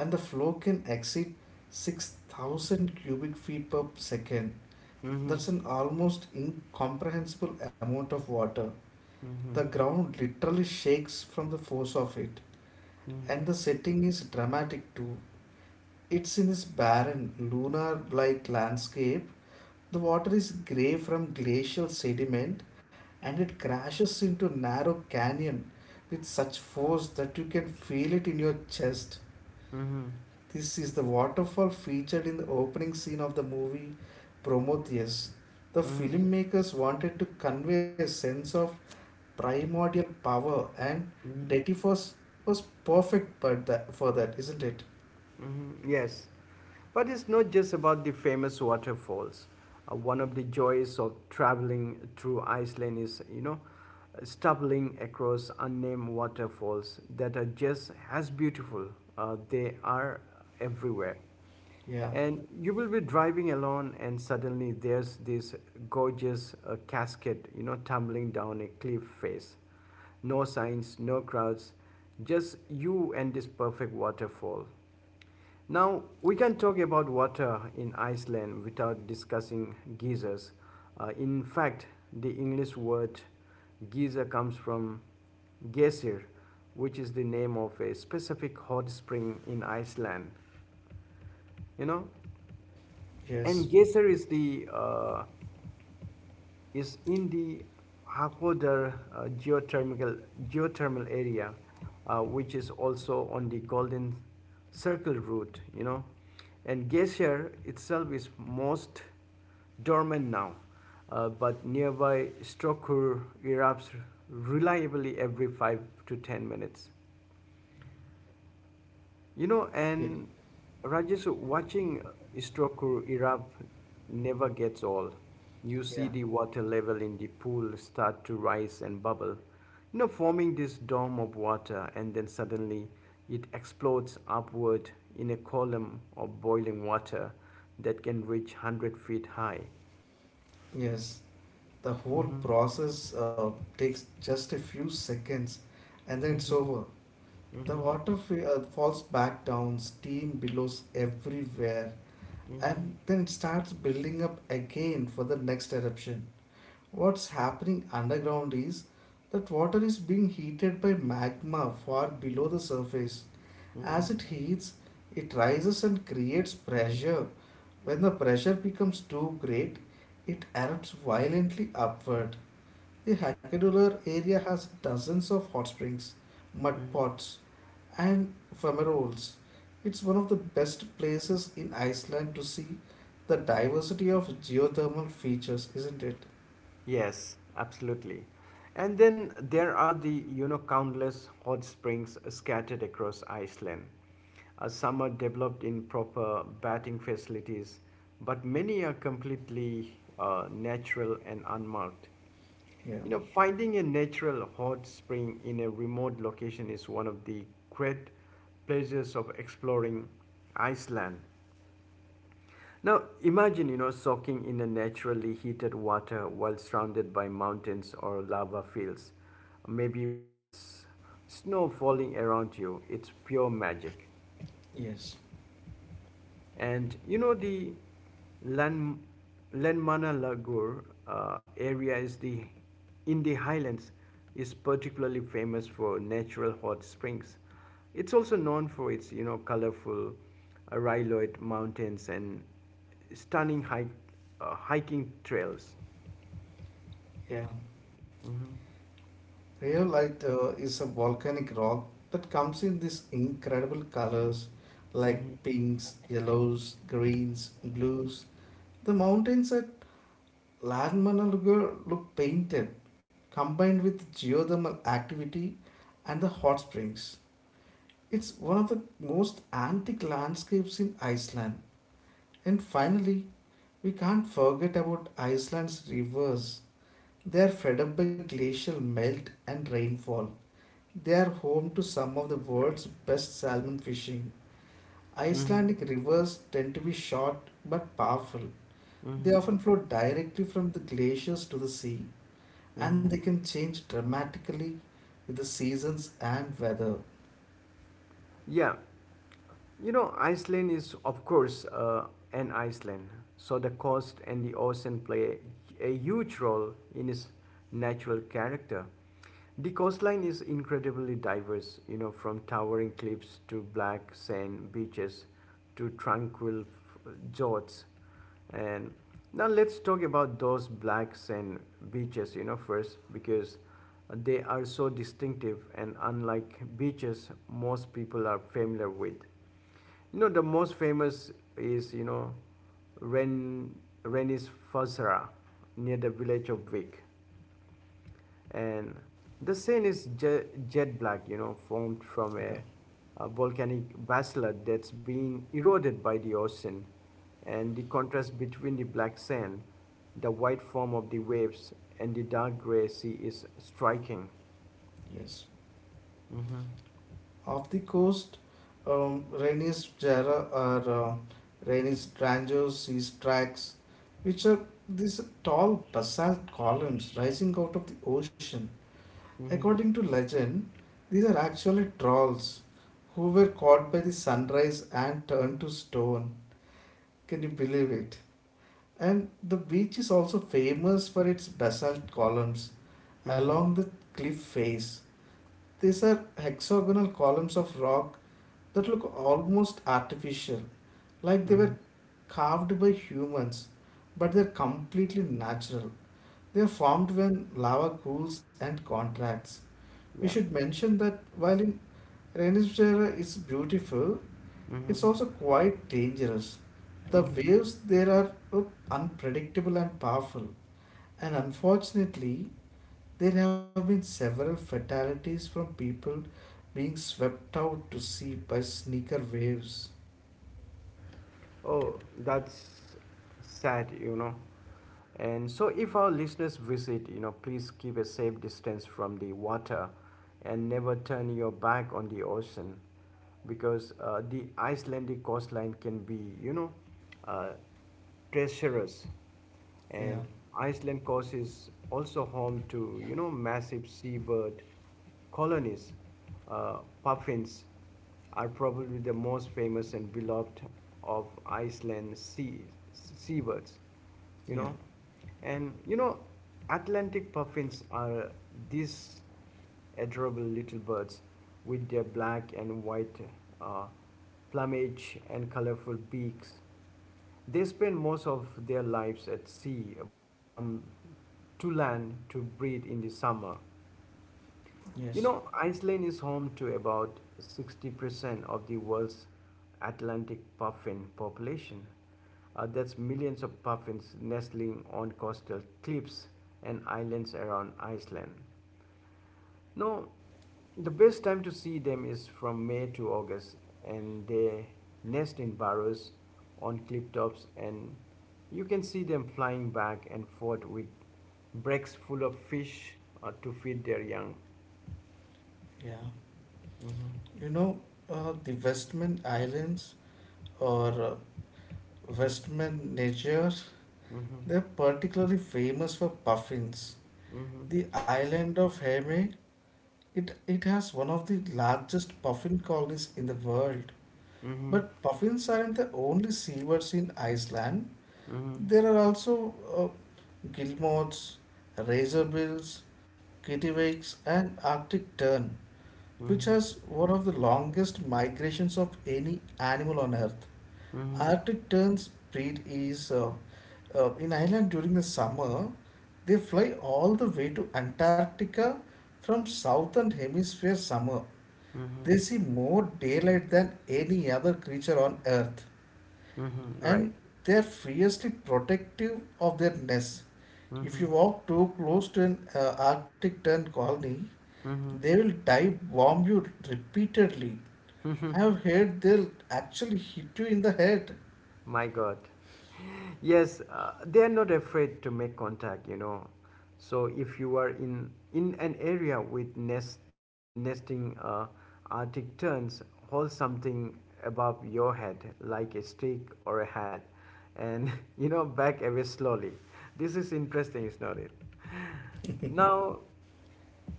[SPEAKER 2] and the flow can exceed 6,000 cubic feet per second. That's an almost incomprehensible amount of water. The ground literally shakes from the force of it,
[SPEAKER 1] Mm-hmm.
[SPEAKER 2] and the setting is dramatic too. It's in this barren, lunar like landscape. The water is grey from glacial sediment and it crashes into narrow canyon with such force that you can feel it in your chest.
[SPEAKER 1] Mm-hmm.
[SPEAKER 2] This is the waterfall featured in the opening scene of the movie Prometheus. The
[SPEAKER 1] Mm-hmm.
[SPEAKER 2] filmmakers wanted to convey a sense of primordial power and Dettifos was perfect but that, for that, isn't it?
[SPEAKER 1] Mhm, yes, but it's not just about the famous waterfalls. One of the joys of traveling through Iceland is, you know, stumbling across unnamed waterfalls that are just as beautiful. They are everywhere.
[SPEAKER 2] Yeah,
[SPEAKER 1] And you will be driving along, and suddenly there's this gorgeous cascade, you know, tumbling down a cliff face. No signs, no crowds, just you and this perfect waterfall. Now, we can talk about water in Iceland without discussing geysers. In fact, the English word geyser comes from geysir, which is the name of a specific hot spring in Iceland. You know, and
[SPEAKER 2] yes,
[SPEAKER 1] geyser is the is in the Hakodar geothermal area, which is also on the Golden Circle route, you know. And Glacier itself is most dormant now, but nearby Strokur erupts reliably every 5 to 10 minutes. You know,
[SPEAKER 2] yeah,
[SPEAKER 1] and Rajesh, watching Istoku erupt never gets old. You see
[SPEAKER 2] yeah.
[SPEAKER 1] the water level in the pool start to rise and bubble, you know, forming this dome of water, and then suddenly it explodes upward in a column of boiling water that can reach 100 feet high.
[SPEAKER 2] Yes, the
[SPEAKER 1] Mhm.
[SPEAKER 2] whole process takes just a few seconds and then it's
[SPEAKER 1] Mhm.
[SPEAKER 2] over.
[SPEAKER 1] Mhm.
[SPEAKER 2] Falls back down, steam billows everywhere,
[SPEAKER 1] Mhm.
[SPEAKER 2] and then it starts building up again for the next eruption. What's happening underground is that water is being heated by magma far below the surface.
[SPEAKER 1] Mhm.
[SPEAKER 2] As it heats, it rises and creates pressure. When the pressure becomes too great, it erupts violently upward. The Hackadoodler area has dozens of hot springs, mud
[SPEAKER 1] Mhm.
[SPEAKER 2] pots, and fumaroles. It's one of the best places in Iceland to see the diversity of geothermal features, isn't it?
[SPEAKER 1] Yes, absolutely. And then there are the, you know, countless hot springs scattered across Iceland. Some are developed in proper bathing facilities, but many are completely natural and unmarked.
[SPEAKER 2] Yeah.
[SPEAKER 1] You know, finding a natural hot spring in a remote location is one of the great pleasures of exploring Iceland. Now, imagine, you know, soaking in a naturally heated water while surrounded by mountains or lava fields, maybe with snow falling around you. It's pure magic.
[SPEAKER 2] Yes.
[SPEAKER 1] And you know the Lan Lanmana Lagur area is the in the highlands is particularly famous for natural hot springs. It's also known for its, you know, colorful rhyloid mountains and stunning hiking trails.
[SPEAKER 2] Yeah.
[SPEAKER 1] Mm-hmm.
[SPEAKER 2] Rhyolite is a volcanic rock that comes in these incredible colors like
[SPEAKER 1] Mm-hmm.
[SPEAKER 2] pinks, yellows, greens, blues. The mountains at Landman and look painted, combined with geothermal activity and the hot springs. It's one of the most antique landscapes in Iceland. And finally, we can't forget about Iceland's rivers. They are fed up by glacial melt and rainfall. They are home to some of the world's best salmon fishing.
[SPEAKER 1] Mm-hmm.
[SPEAKER 2] Icelandic rivers tend to be short but powerful. They
[SPEAKER 1] Mm-hmm.
[SPEAKER 2] often flow directly from the glaciers to the sea, and
[SPEAKER 1] Mm-hmm.
[SPEAKER 2] they can change dramatically with the seasons and weather.
[SPEAKER 1] Yeah. Iceland is, of course, an Iceland, so the coast and the ocean play a huge role in its natural character. The coastline is incredibly diverse, you know, from towering cliffs to black sand beaches to fjords. And now let's talk about those black sand beaches, first, because they are so distinctive and unlike beaches most people are familiar with. You know, the most famous is, Ren, Renis Fossera, near the village of Vic. And the sand is jet black, you know, formed from
[SPEAKER 2] Yeah,
[SPEAKER 1] a volcanic basalt that's been eroded by the ocean. And the contrast between the black sand, the white form of the waves, and the dark gray sea is striking.
[SPEAKER 2] yes.
[SPEAKER 1] Mm-hmm.
[SPEAKER 2] Off the coast, Rainey's Jarrah or Rainey's Drango seas tracks, which are these tall basalt columns rising out of the ocean.
[SPEAKER 1] Mm-hmm.
[SPEAKER 2] According to legend, these are actually trolls who were caught by the sunrise and turned to stone. Can you believe it? And the beach is also famous for its basalt columns
[SPEAKER 1] Mm-hmm.
[SPEAKER 2] along the cliff face. These are hexagonal columns of rock that look almost artificial, like they were
[SPEAKER 1] Mm-hmm.
[SPEAKER 2] carved by humans, but they're completely natural. They're formed when lava cools and contracts. We
[SPEAKER 1] Yeah.
[SPEAKER 2] should mention that while in Renaissance era it's beautiful, it's
[SPEAKER 1] Mm-hmm.
[SPEAKER 2] also quite dangerous. The
[SPEAKER 1] Mm-hmm.
[SPEAKER 2] waves there are unpredictable and powerful, and unfortunately, there have been several fatalities from people being swept out to sea by sneaker waves.
[SPEAKER 1] Oh, that's sad. And so, if our listeners visit, you know, please keep a safe distance from the water and never turn your back on the ocean because the Icelandic coastline can be, uh, treacherous. And
[SPEAKER 2] Yeah,
[SPEAKER 1] Iceland coast is also home to, you know, massive seabird colonies. Puffins are probably the most famous and beloved of Iceland seabirds, you
[SPEAKER 2] yeah,
[SPEAKER 1] know. And you know, Atlantic puffins are these adorable little birds with their black and white uh, plumage and colorful beaks. They spend most of their lives at sea but come to land to breed in the summer. You
[SPEAKER 2] yes,
[SPEAKER 1] know, Iceland is home to about 60% of the world's Atlantic puffin population. That's millions of puffins nestling on coastal cliffs and islands around Iceland. No, the best time to see them is from May to August, and they nest in burrows on cliff tops, and you can see them flying back and forth with bracts full of fish to feed their young.
[SPEAKER 2] yeah.
[SPEAKER 1] Mm-hmm,
[SPEAKER 2] You know, the Westman Islands or Westman Nature,
[SPEAKER 1] mm-hmm,
[SPEAKER 2] they're particularly famous for puffins.
[SPEAKER 1] mm-hmm,
[SPEAKER 2] The island of Heme, it has one of the largest puffin colonies in the world.
[SPEAKER 1] mm-hmm,
[SPEAKER 2] But puffins aren't the only seabirds in Iceland.
[SPEAKER 1] mm-hmm,
[SPEAKER 2] There are also guillemots, razor bills, kittiwakes, and Arctic tern, which has one of the longest migrations of any animal on Earth.
[SPEAKER 1] mm-hmm,
[SPEAKER 2] Arctic tern's breed is in Ireland during the summer. They fly all the way to Antarctica from southern hemisphere summer. They see more daylight than any other creature on Earth
[SPEAKER 1] mm-hmm, mm-hmm, right.
[SPEAKER 2] and they're fiercely protective of their nests. If
[SPEAKER 1] Mm-hmm,
[SPEAKER 2] you walk too close to an Arctic tern colony, they will dive bomb you repeatedly.
[SPEAKER 1] mm-hmm.
[SPEAKER 2] I have heard they'll actually hit you in the head.
[SPEAKER 1] My God. Yes, they are not afraid to make contact, you know. So if you are in an area with nesting arctic terns, hold something above your head like a stick or a hat, and you know, back away slowly. This is interesting, is not it. Now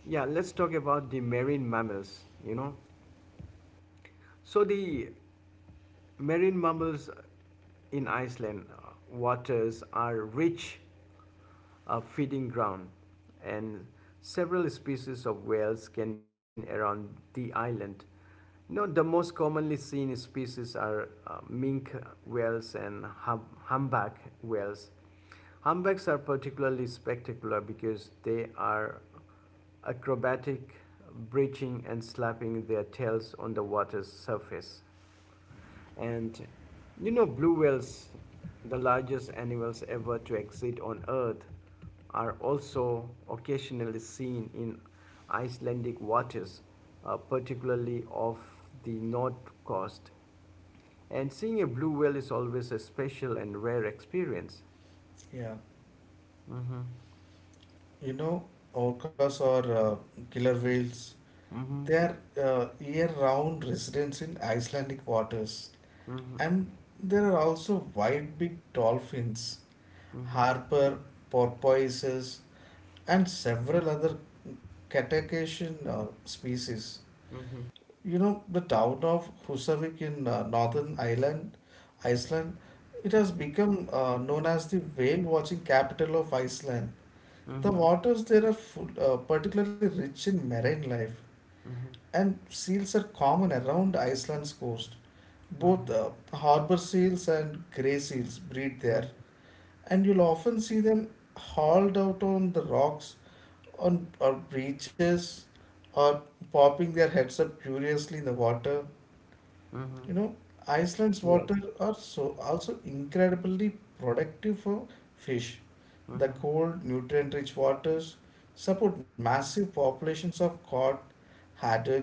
[SPEAKER 1] yeah, let's talk about the marine mammals, you know. So the marine mammals in Iceland waters are rich a feeding ground, and several species of whales can be seen around the island. You know, the most commonly seen species are mink whales and humpback whales. Humpbacks are particularly spectacular because they are acrobatic, breaching and slapping their tails on the water's surface. And you know, blue whales, the largest animals ever to exist on Earth, are also occasionally seen in Icelandic waters, particularly off the north coast. And seeing a blue whale is always a special and rare experience.
[SPEAKER 2] Yeah,
[SPEAKER 1] Mm-hmm.
[SPEAKER 2] you know, orcas or killer whales,
[SPEAKER 1] Mm-hmm.
[SPEAKER 2] they are year-round residents in Icelandic waters.
[SPEAKER 1] Mm-hmm.
[SPEAKER 2] And there are also wide-beaked dolphins,
[SPEAKER 1] Mm-hmm.
[SPEAKER 2] harbor porpoises, and several other cetacean species.
[SPEAKER 1] Mm-hmm.
[SPEAKER 2] You know, the town of Husavik in Iceland, it has become known as the whale watching capital of Iceland. The
[SPEAKER 1] Mm-hmm.
[SPEAKER 2] waters there are particularly rich in marine life,
[SPEAKER 1] Mm-hmm.
[SPEAKER 2] and seals are common around Iceland's coast. Both harbor seals and gray seals breed there, and you'll often see them hauled out on the rocks on or breeches or popping their heads up curiously in the water.
[SPEAKER 1] Mm-hmm.
[SPEAKER 2] You know, Iceland's water
[SPEAKER 1] Yes.
[SPEAKER 2] are so also incredibly productive for fish. The
[SPEAKER 1] Mm-hmm.
[SPEAKER 2] cold, nutrient-rich waters support massive populations of cod, haddock,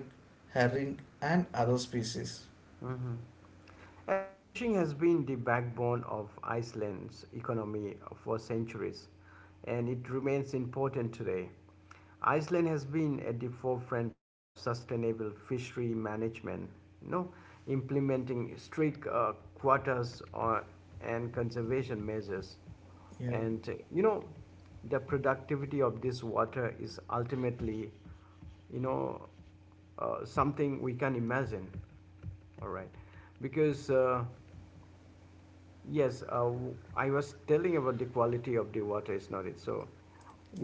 [SPEAKER 2] herring, and other species.
[SPEAKER 1] Mm-hmm. And fishing has been the backbone of Iceland's economy for centuries, and it remains important today. Iceland has been at the forefront of sustainable fishery management, you know, implementing strict quotas on, and conservation measures.
[SPEAKER 2] Yeah,
[SPEAKER 1] And you know, the productivity of this water is ultimately, you know, something we can imagine. All right, because I was telling about the quality of the water, is not it. So,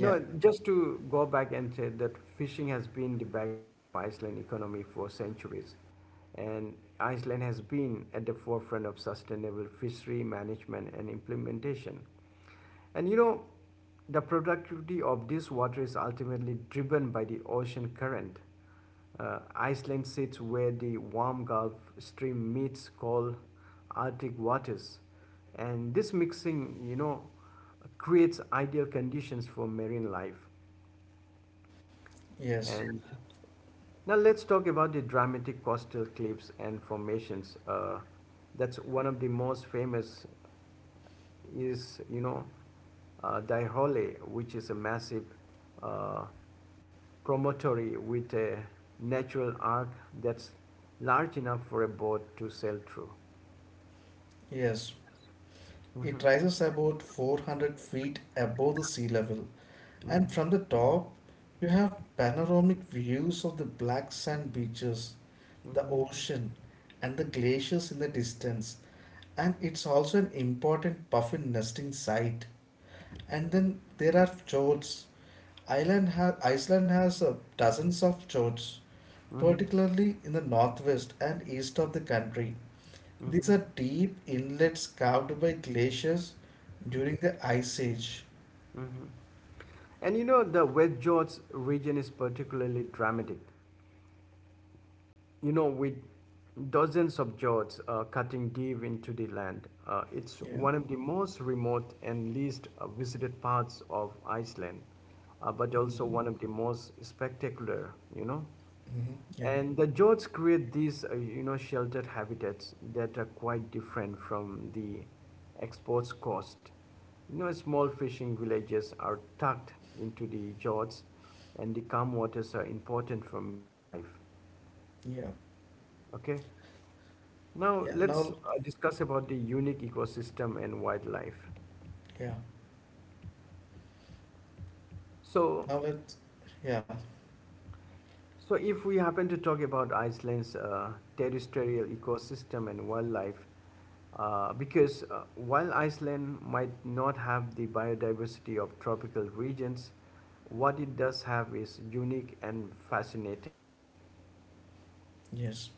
[SPEAKER 2] yeah,
[SPEAKER 1] just to go back and say that fishing has been the backbone of Iceland economy for centuries, and Iceland has been at the forefront of sustainable fishery management and implementation. And you know, the productivity of this water is ultimately driven by the ocean current. Iceland sits where the warm Gulf Stream meets cold Arctic waters, and this mixing, you know, creates ideal conditions for marine life.
[SPEAKER 2] yes,
[SPEAKER 1] And now let's talk about the dramatic coastal cliffs and formations. That's one of the most famous is Daihole, which is a massive uh, promontory with a natural arc that's large enough for a boat to sail through.
[SPEAKER 2] yes. It rises about 400 feet above the sea level, and from the top, you have panoramic views of the black sand beaches, the ocean, and the glaciers in the distance. And it's also an important puffin nesting site. And then there are fjords. Iceland has dozens of fjords,
[SPEAKER 1] Hmm.
[SPEAKER 2] particularly in the northwest and east of the country. These are
[SPEAKER 1] Hmm.
[SPEAKER 2] deep inlets carved by glaciers during the ice age.
[SPEAKER 1] Hmm. And you know, the West George region is particularly dramatic. You know, with dozens of jots cutting deep into the land, it's
[SPEAKER 2] Yeah.
[SPEAKER 1] one of the most remote and least visited parts of Iceland, but also
[SPEAKER 2] Mhm.
[SPEAKER 1] one of the most spectacular, you know.
[SPEAKER 2] Mhm. Yeah,
[SPEAKER 1] And the jots create these, you know, sheltered habitats that are quite different from the exposed coast. You know, small fishing villages are tucked into the jots, and the calm waters are important for marine life.
[SPEAKER 2] yeah,
[SPEAKER 1] Okay, now
[SPEAKER 2] yeah.
[SPEAKER 1] let's discuss about the unique ecosystem and wildlife.
[SPEAKER 2] Yeah.
[SPEAKER 1] So,
[SPEAKER 2] Now let's, yeah,
[SPEAKER 1] so if we happen to talk about Iceland's terrestrial ecosystem and wildlife, because while Iceland might not have the biodiversity of tropical regions, what it does have is unique and fascinating.
[SPEAKER 2] yes.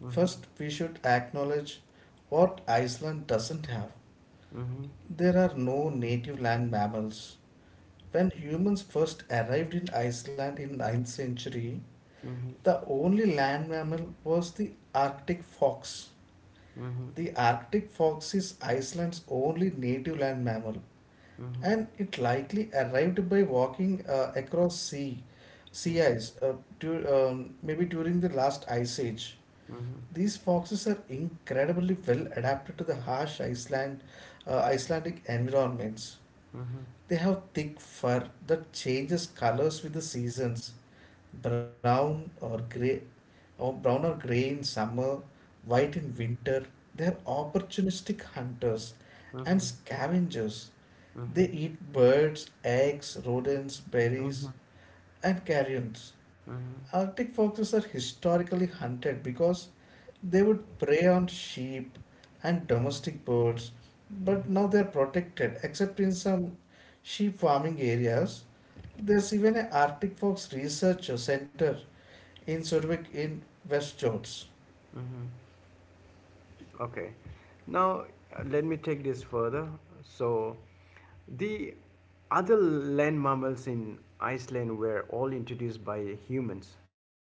[SPEAKER 1] Mhm.
[SPEAKER 2] First, we should acknowledge what Iceland doesn't have.
[SPEAKER 1] Mhm.
[SPEAKER 2] There are no native land mammals. When humans first arrived in Iceland in ninth century,
[SPEAKER 1] Mhm.
[SPEAKER 2] the only land mammal was the Arctic fox.
[SPEAKER 1] Mhm.
[SPEAKER 2] The Arctic fox is Iceland's only native land mammal,
[SPEAKER 1] Mhm.
[SPEAKER 2] and it likely arrived by walking across sea ice maybe during the last ice age.
[SPEAKER 1] Mhm.
[SPEAKER 2] These foxes are incredibly well adapted to the harsh Icelandic environments.
[SPEAKER 1] Mhm.
[SPEAKER 2] They have thick fur that changes colors with the seasons, brown or gray, brown or gray in summer, white in winter. They are opportunistic hunters and
[SPEAKER 1] Mhm.
[SPEAKER 2] scavengers.
[SPEAKER 1] Mhm. Mhm.
[SPEAKER 2] They eat birds, eggs, rodents, berries,
[SPEAKER 1] Mhm.
[SPEAKER 2] and carrions.
[SPEAKER 1] Mhm.
[SPEAKER 2] Arctic foxes are historically hunted because they would prey on sheep and domestic birds, but
[SPEAKER 1] Mhm.
[SPEAKER 2] now they are protected, except in some sheep farming areas. There's even an Arctic Fox Research Center in Zurich in West Jorts.
[SPEAKER 1] Mm-hmm. Okay. Now, let me take this further. So, the other land mammals in Iceland were all introduced by humans.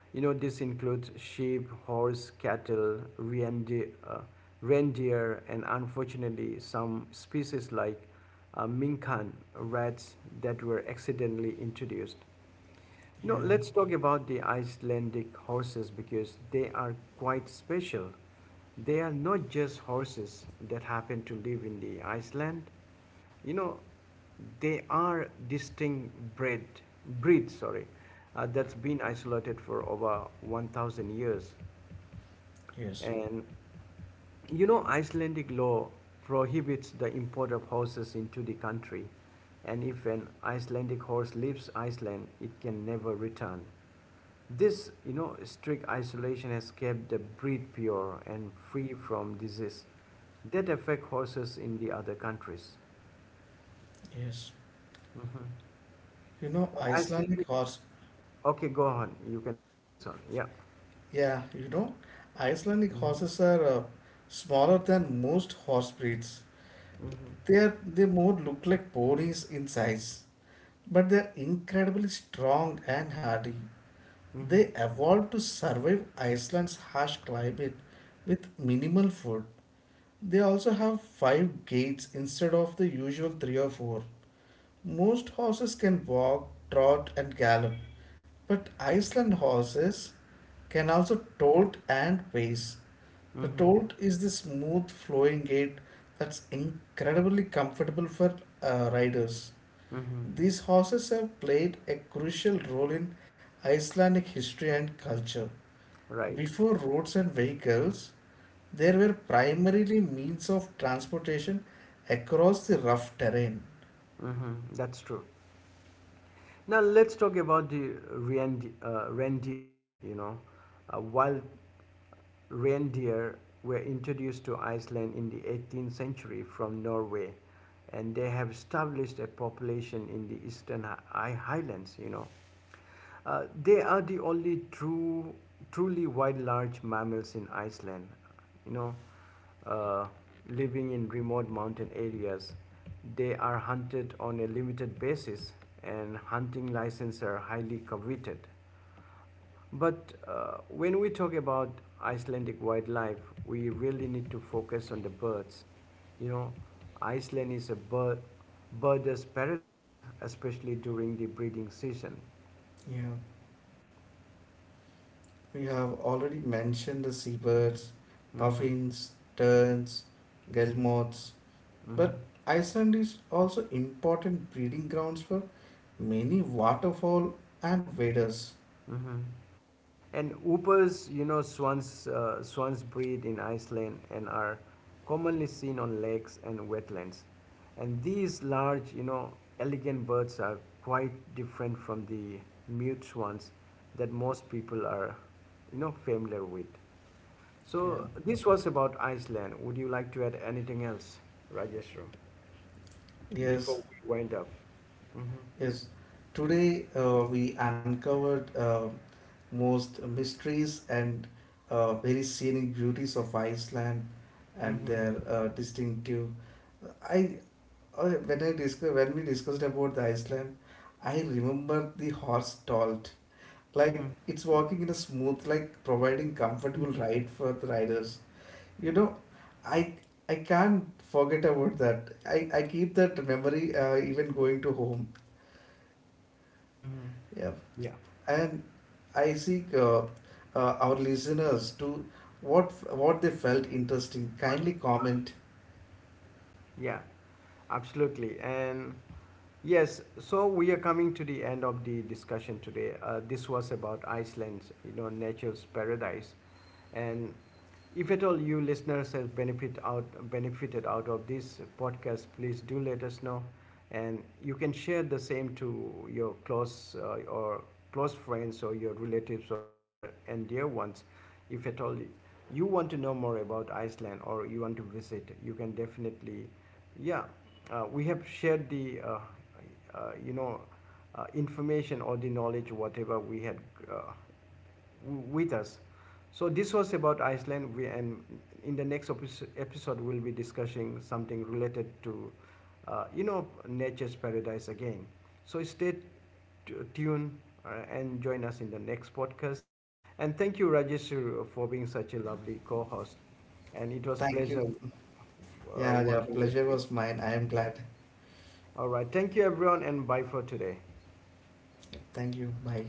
[SPEAKER 1] You know, this includes sheep, horse, cattle, reindeer, and unfortunately, some species like minkan rats that were accidentally introduced. You know,
[SPEAKER 2] Yeah,
[SPEAKER 1] let's talk about the Icelandic horses because they are quite special. They are not just horses that happen to live in the Iceland. You know, they are distinct breed, that's been isolated for over 1,000 years.
[SPEAKER 2] yes,
[SPEAKER 1] And you know, Icelandic law prohibits the import of horses into the country. And if an Icelandic horse leaves Iceland, it can never return. This, you know, strict isolation has kept the breed pure and free from disease that affect horses in the other countries.
[SPEAKER 2] yes.
[SPEAKER 1] Mhm.
[SPEAKER 2] You know, Icelandic
[SPEAKER 1] Iceland,
[SPEAKER 2] horse.
[SPEAKER 1] okay, go on. You can take this on. Yeah.
[SPEAKER 2] Yeah, you know, Icelandic
[SPEAKER 1] Mhm.
[SPEAKER 2] horses are smaller than most horse breeds.
[SPEAKER 1] Mhm.
[SPEAKER 2] They more look like ponies in size, but they are incredibly strong and hardy. They evolved to survive Iceland's harsh climate with minimal food. They also have five gaits instead of the usual three or four. Most horses can walk, trot, and gallop, but Iceland horses can also tolt and pace. The
[SPEAKER 1] Mhm.
[SPEAKER 2] tolt is the smooth flowing gait that's incredibly comfortable for riders.
[SPEAKER 1] Mhm.
[SPEAKER 2] These horses have played a crucial role in Icelandic history and culture.
[SPEAKER 1] Right.
[SPEAKER 2] Before roads and vehicles, there were primarily means of transportation across the rough terrain.
[SPEAKER 1] Mhm. That's true. Now let's talk about the reindeer, you know, wild reindeer were introduced to Iceland in the 18th century from Norway, and they have established a population in the eastern highlands, you know. They are the truly wild large mammals in Iceland, you know, uh, living in remote mountain areas. They are hunted on a limited basis, and hunting licenses are highly coveted. But when we talk about Icelandic wildlife, we really need to focus on the birds. You know, Iceland is a birders paradise, especially during the breeding season.
[SPEAKER 2] Yeah, we have already mentioned the seabirds,
[SPEAKER 1] Mm-hmm.
[SPEAKER 2] puffins, terns, guillemots, but
[SPEAKER 1] Mm-hmm.
[SPEAKER 2] Iceland is also important breeding grounds for many waterfowl and waders.
[SPEAKER 1] Mm-hmm. And whoopers, you know, swans breed in Iceland and are commonly seen on lakes and wetlands. And these large, you know, elegant birds are quite different from the mute swans that most people are, you know, familiar with.
[SPEAKER 2] Yeah.
[SPEAKER 1] So this was about Iceland. Would you like to add anything else, Rajeshro, before
[SPEAKER 2] Yes.
[SPEAKER 1] we wind up? Mm-hmm.
[SPEAKER 2] Yes, today we uncovered most mysteries and very scenic beauties of Iceland and
[SPEAKER 1] Mm-hmm.
[SPEAKER 2] their distinctive. I When I discuss when we discussed about the Iceland, I remember the horse dolt. Like
[SPEAKER 1] Mm-hmm.
[SPEAKER 2] it's walking in a smooth, like providing comfortable ride for the riders. You know, I I can't forget about that. I keep that memory even going to home.
[SPEAKER 1] Mm-hmm.
[SPEAKER 2] Yeah.
[SPEAKER 1] Yeah,
[SPEAKER 2] And I seek our listeners to what they felt interesting. Kindly comment.
[SPEAKER 1] yeah, absolutely. And yes, so we are coming to the end of the discussion today. This was about Iceland's, you know, nature's paradise, and if at all you listeners have benefited out of this podcast, please do let us know, and you can share the same to your close friends or your relatives or near and dear ones. If at all you want to know more about Iceland or you want to visit, you can definitely, yeah, we have shared the uh, you know information or the knowledge whatever we had uh, with us. So this was about Iceland, and in the next episode, we'll be discussing something related to, you know, nature's paradise again. So stay tuned and join us in the next podcast. And thank you, Rajesh, for being such a lovely co-host. And it was
[SPEAKER 2] Thank
[SPEAKER 1] pleasure
[SPEAKER 2] you. Yeah, yeah.
[SPEAKER 1] working with
[SPEAKER 2] Pleasure
[SPEAKER 1] you.
[SPEAKER 2] was mine. I am glad.
[SPEAKER 1] All right, thank you, everyone, and bye for today.
[SPEAKER 2] Thank you. Bye.